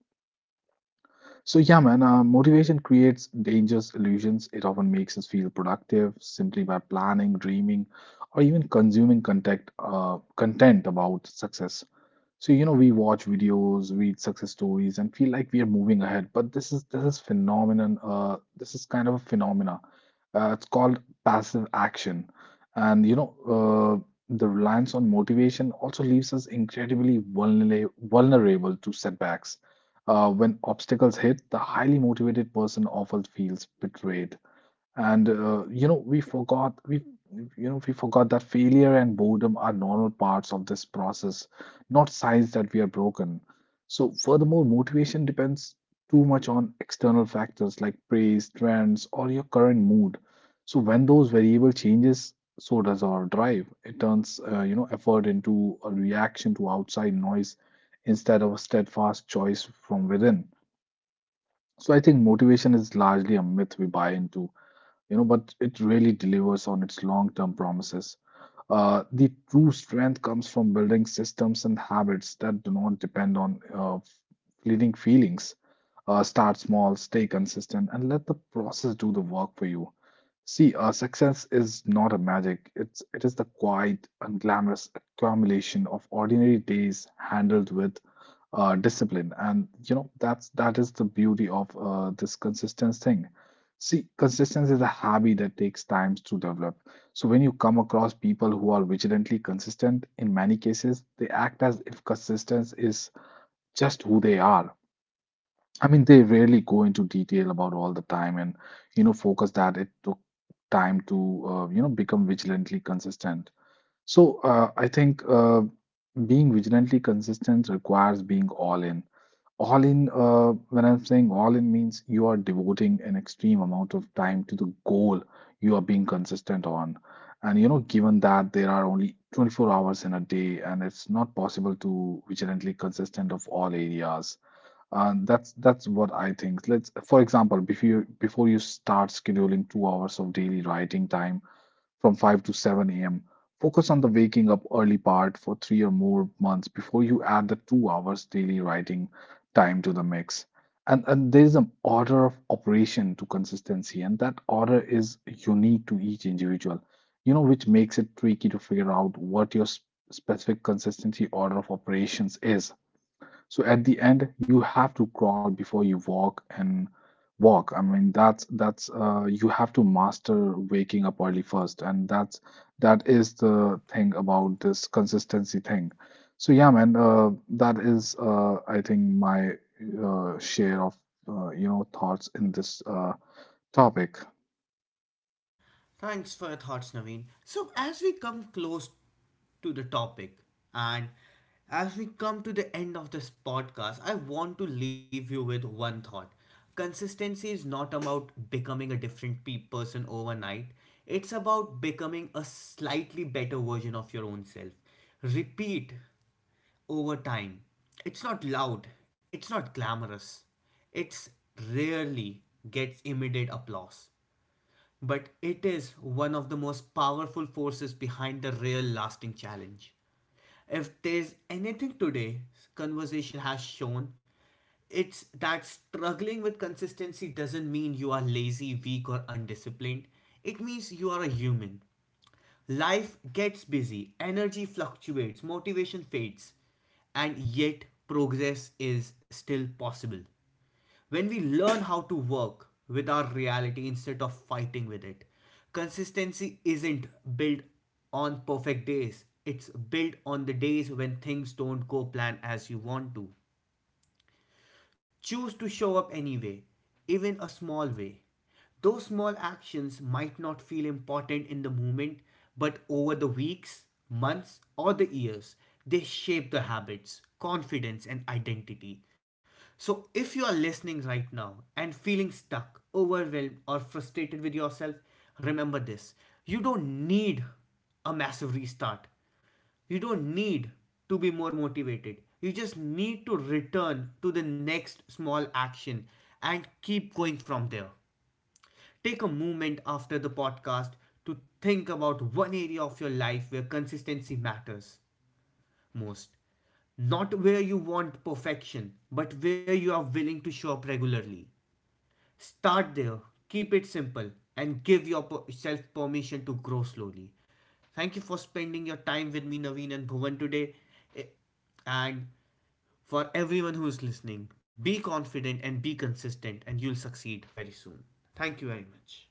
Speaker 2: So yeah, man, motivation creates dangerous illusions. It often makes us feel productive simply by planning, dreaming, or even consuming content, content about success. So, you know, we watch videos, read success stories, and feel like we are moving ahead. But this is phenomenon. This is kind of a phenomena. It's called passive action, and the reliance on motivation also leaves us incredibly vulnerable to setbacks. When obstacles hit, the highly motivated person often feels betrayed. And you know, we forgot that failure and boredom are normal parts of this process, not signs that we are broken. So furthermore, motivation depends too much on external factors like praise, trends, or your current mood. So when those variable changes, so does our drive. It turns you know, effort into a reaction to outside noise instead of a steadfast choice from within. So I think motivation is largely a myth we buy into, you know, but it really delivers on its long-term promises. The true strength comes from building systems and habits that do not depend on fleeting feelings. Start small, stay consistent, and let the process do the work for you. See, success is not a magic. It is the quiet and glamorous accumulation of ordinary days handled with discipline, and you know that is the beauty of this consistent thing. See, consistency is a habit that takes time to develop. So when you come across people who are vigilantly consistent, in many cases, they act as if consistency is just who they are. I mean, they rarely go into detail about all the time and, you know, focus that it took time to, you know, become vigilantly consistent. So, I think being vigilantly consistent requires being all in. All in, when I'm saying all in means you are devoting an extreme amount of time to the goal you are being consistent on. And you know, given that there are only 24 hours in a day and it's not possible to vigilantly consistent of all areas. And that's what I think. Let's, for example, before you start scheduling 2 hours of daily writing time, from 5 to 7 a.m. Focus on the waking up early part for 3 or more months before you add the 2 hours daily writing time to the mix. And there is an order of operation to consistency, and that order is unique to each individual, you know, which makes it tricky to figure out what your specific consistency order of operations is. So at the end, you have to crawl before you walk and walk. I mean, that's you have to master waking up early first, and that is the thing about this consistency thing. So yeah, man, that is I think my share of you know, thoughts in this topic.
Speaker 1: Thanks for your thoughts, Naveen. So, as we come close to the topic, and as we come to the end of this podcast, I want to leave you with one thought. Consistency is not about becoming a different person overnight, it's about becoming a slightly better version of your own self. Repeat over time. It's not loud, it's not glamorous, it's rarely gets immediate applause, but it is one of the most powerful forces behind the real lasting challenge. If there's anything today's conversation has shown, it's that struggling with consistency doesn't mean you are lazy, weak, or undisciplined. It means you are a human. Life gets busy, energy fluctuates, motivation fades, and yet progress is still possible when we learn how to work with our reality instead of fighting with it. Consistency isn't built on perfect days, it's built on the days when things don't go plan as you want to. Choose to show up anyway, even a small way. Those small actions might not feel important in the moment, but over the weeks, months, or the years, they shape the habits, confidence, and identity. So, if you are listening right now and feeling stuck, overwhelmed, or frustrated with yourself, remember this: you don't need a massive restart. You don't need to be more motivated. You just need to return to the next small action and keep going from there. Take a moment after the podcast to think about one area of your life where consistency matters most. Not where you want perfection, but where you are willing to show up regularly. Start there, keep it simple, and give yourself permission to grow slowly. Thank you for spending your time with me, Naveen and Bhuvan, today. Eh, And for everyone who is listening, be confident and be consistent, and you'll succeed very soon. Thank you very much.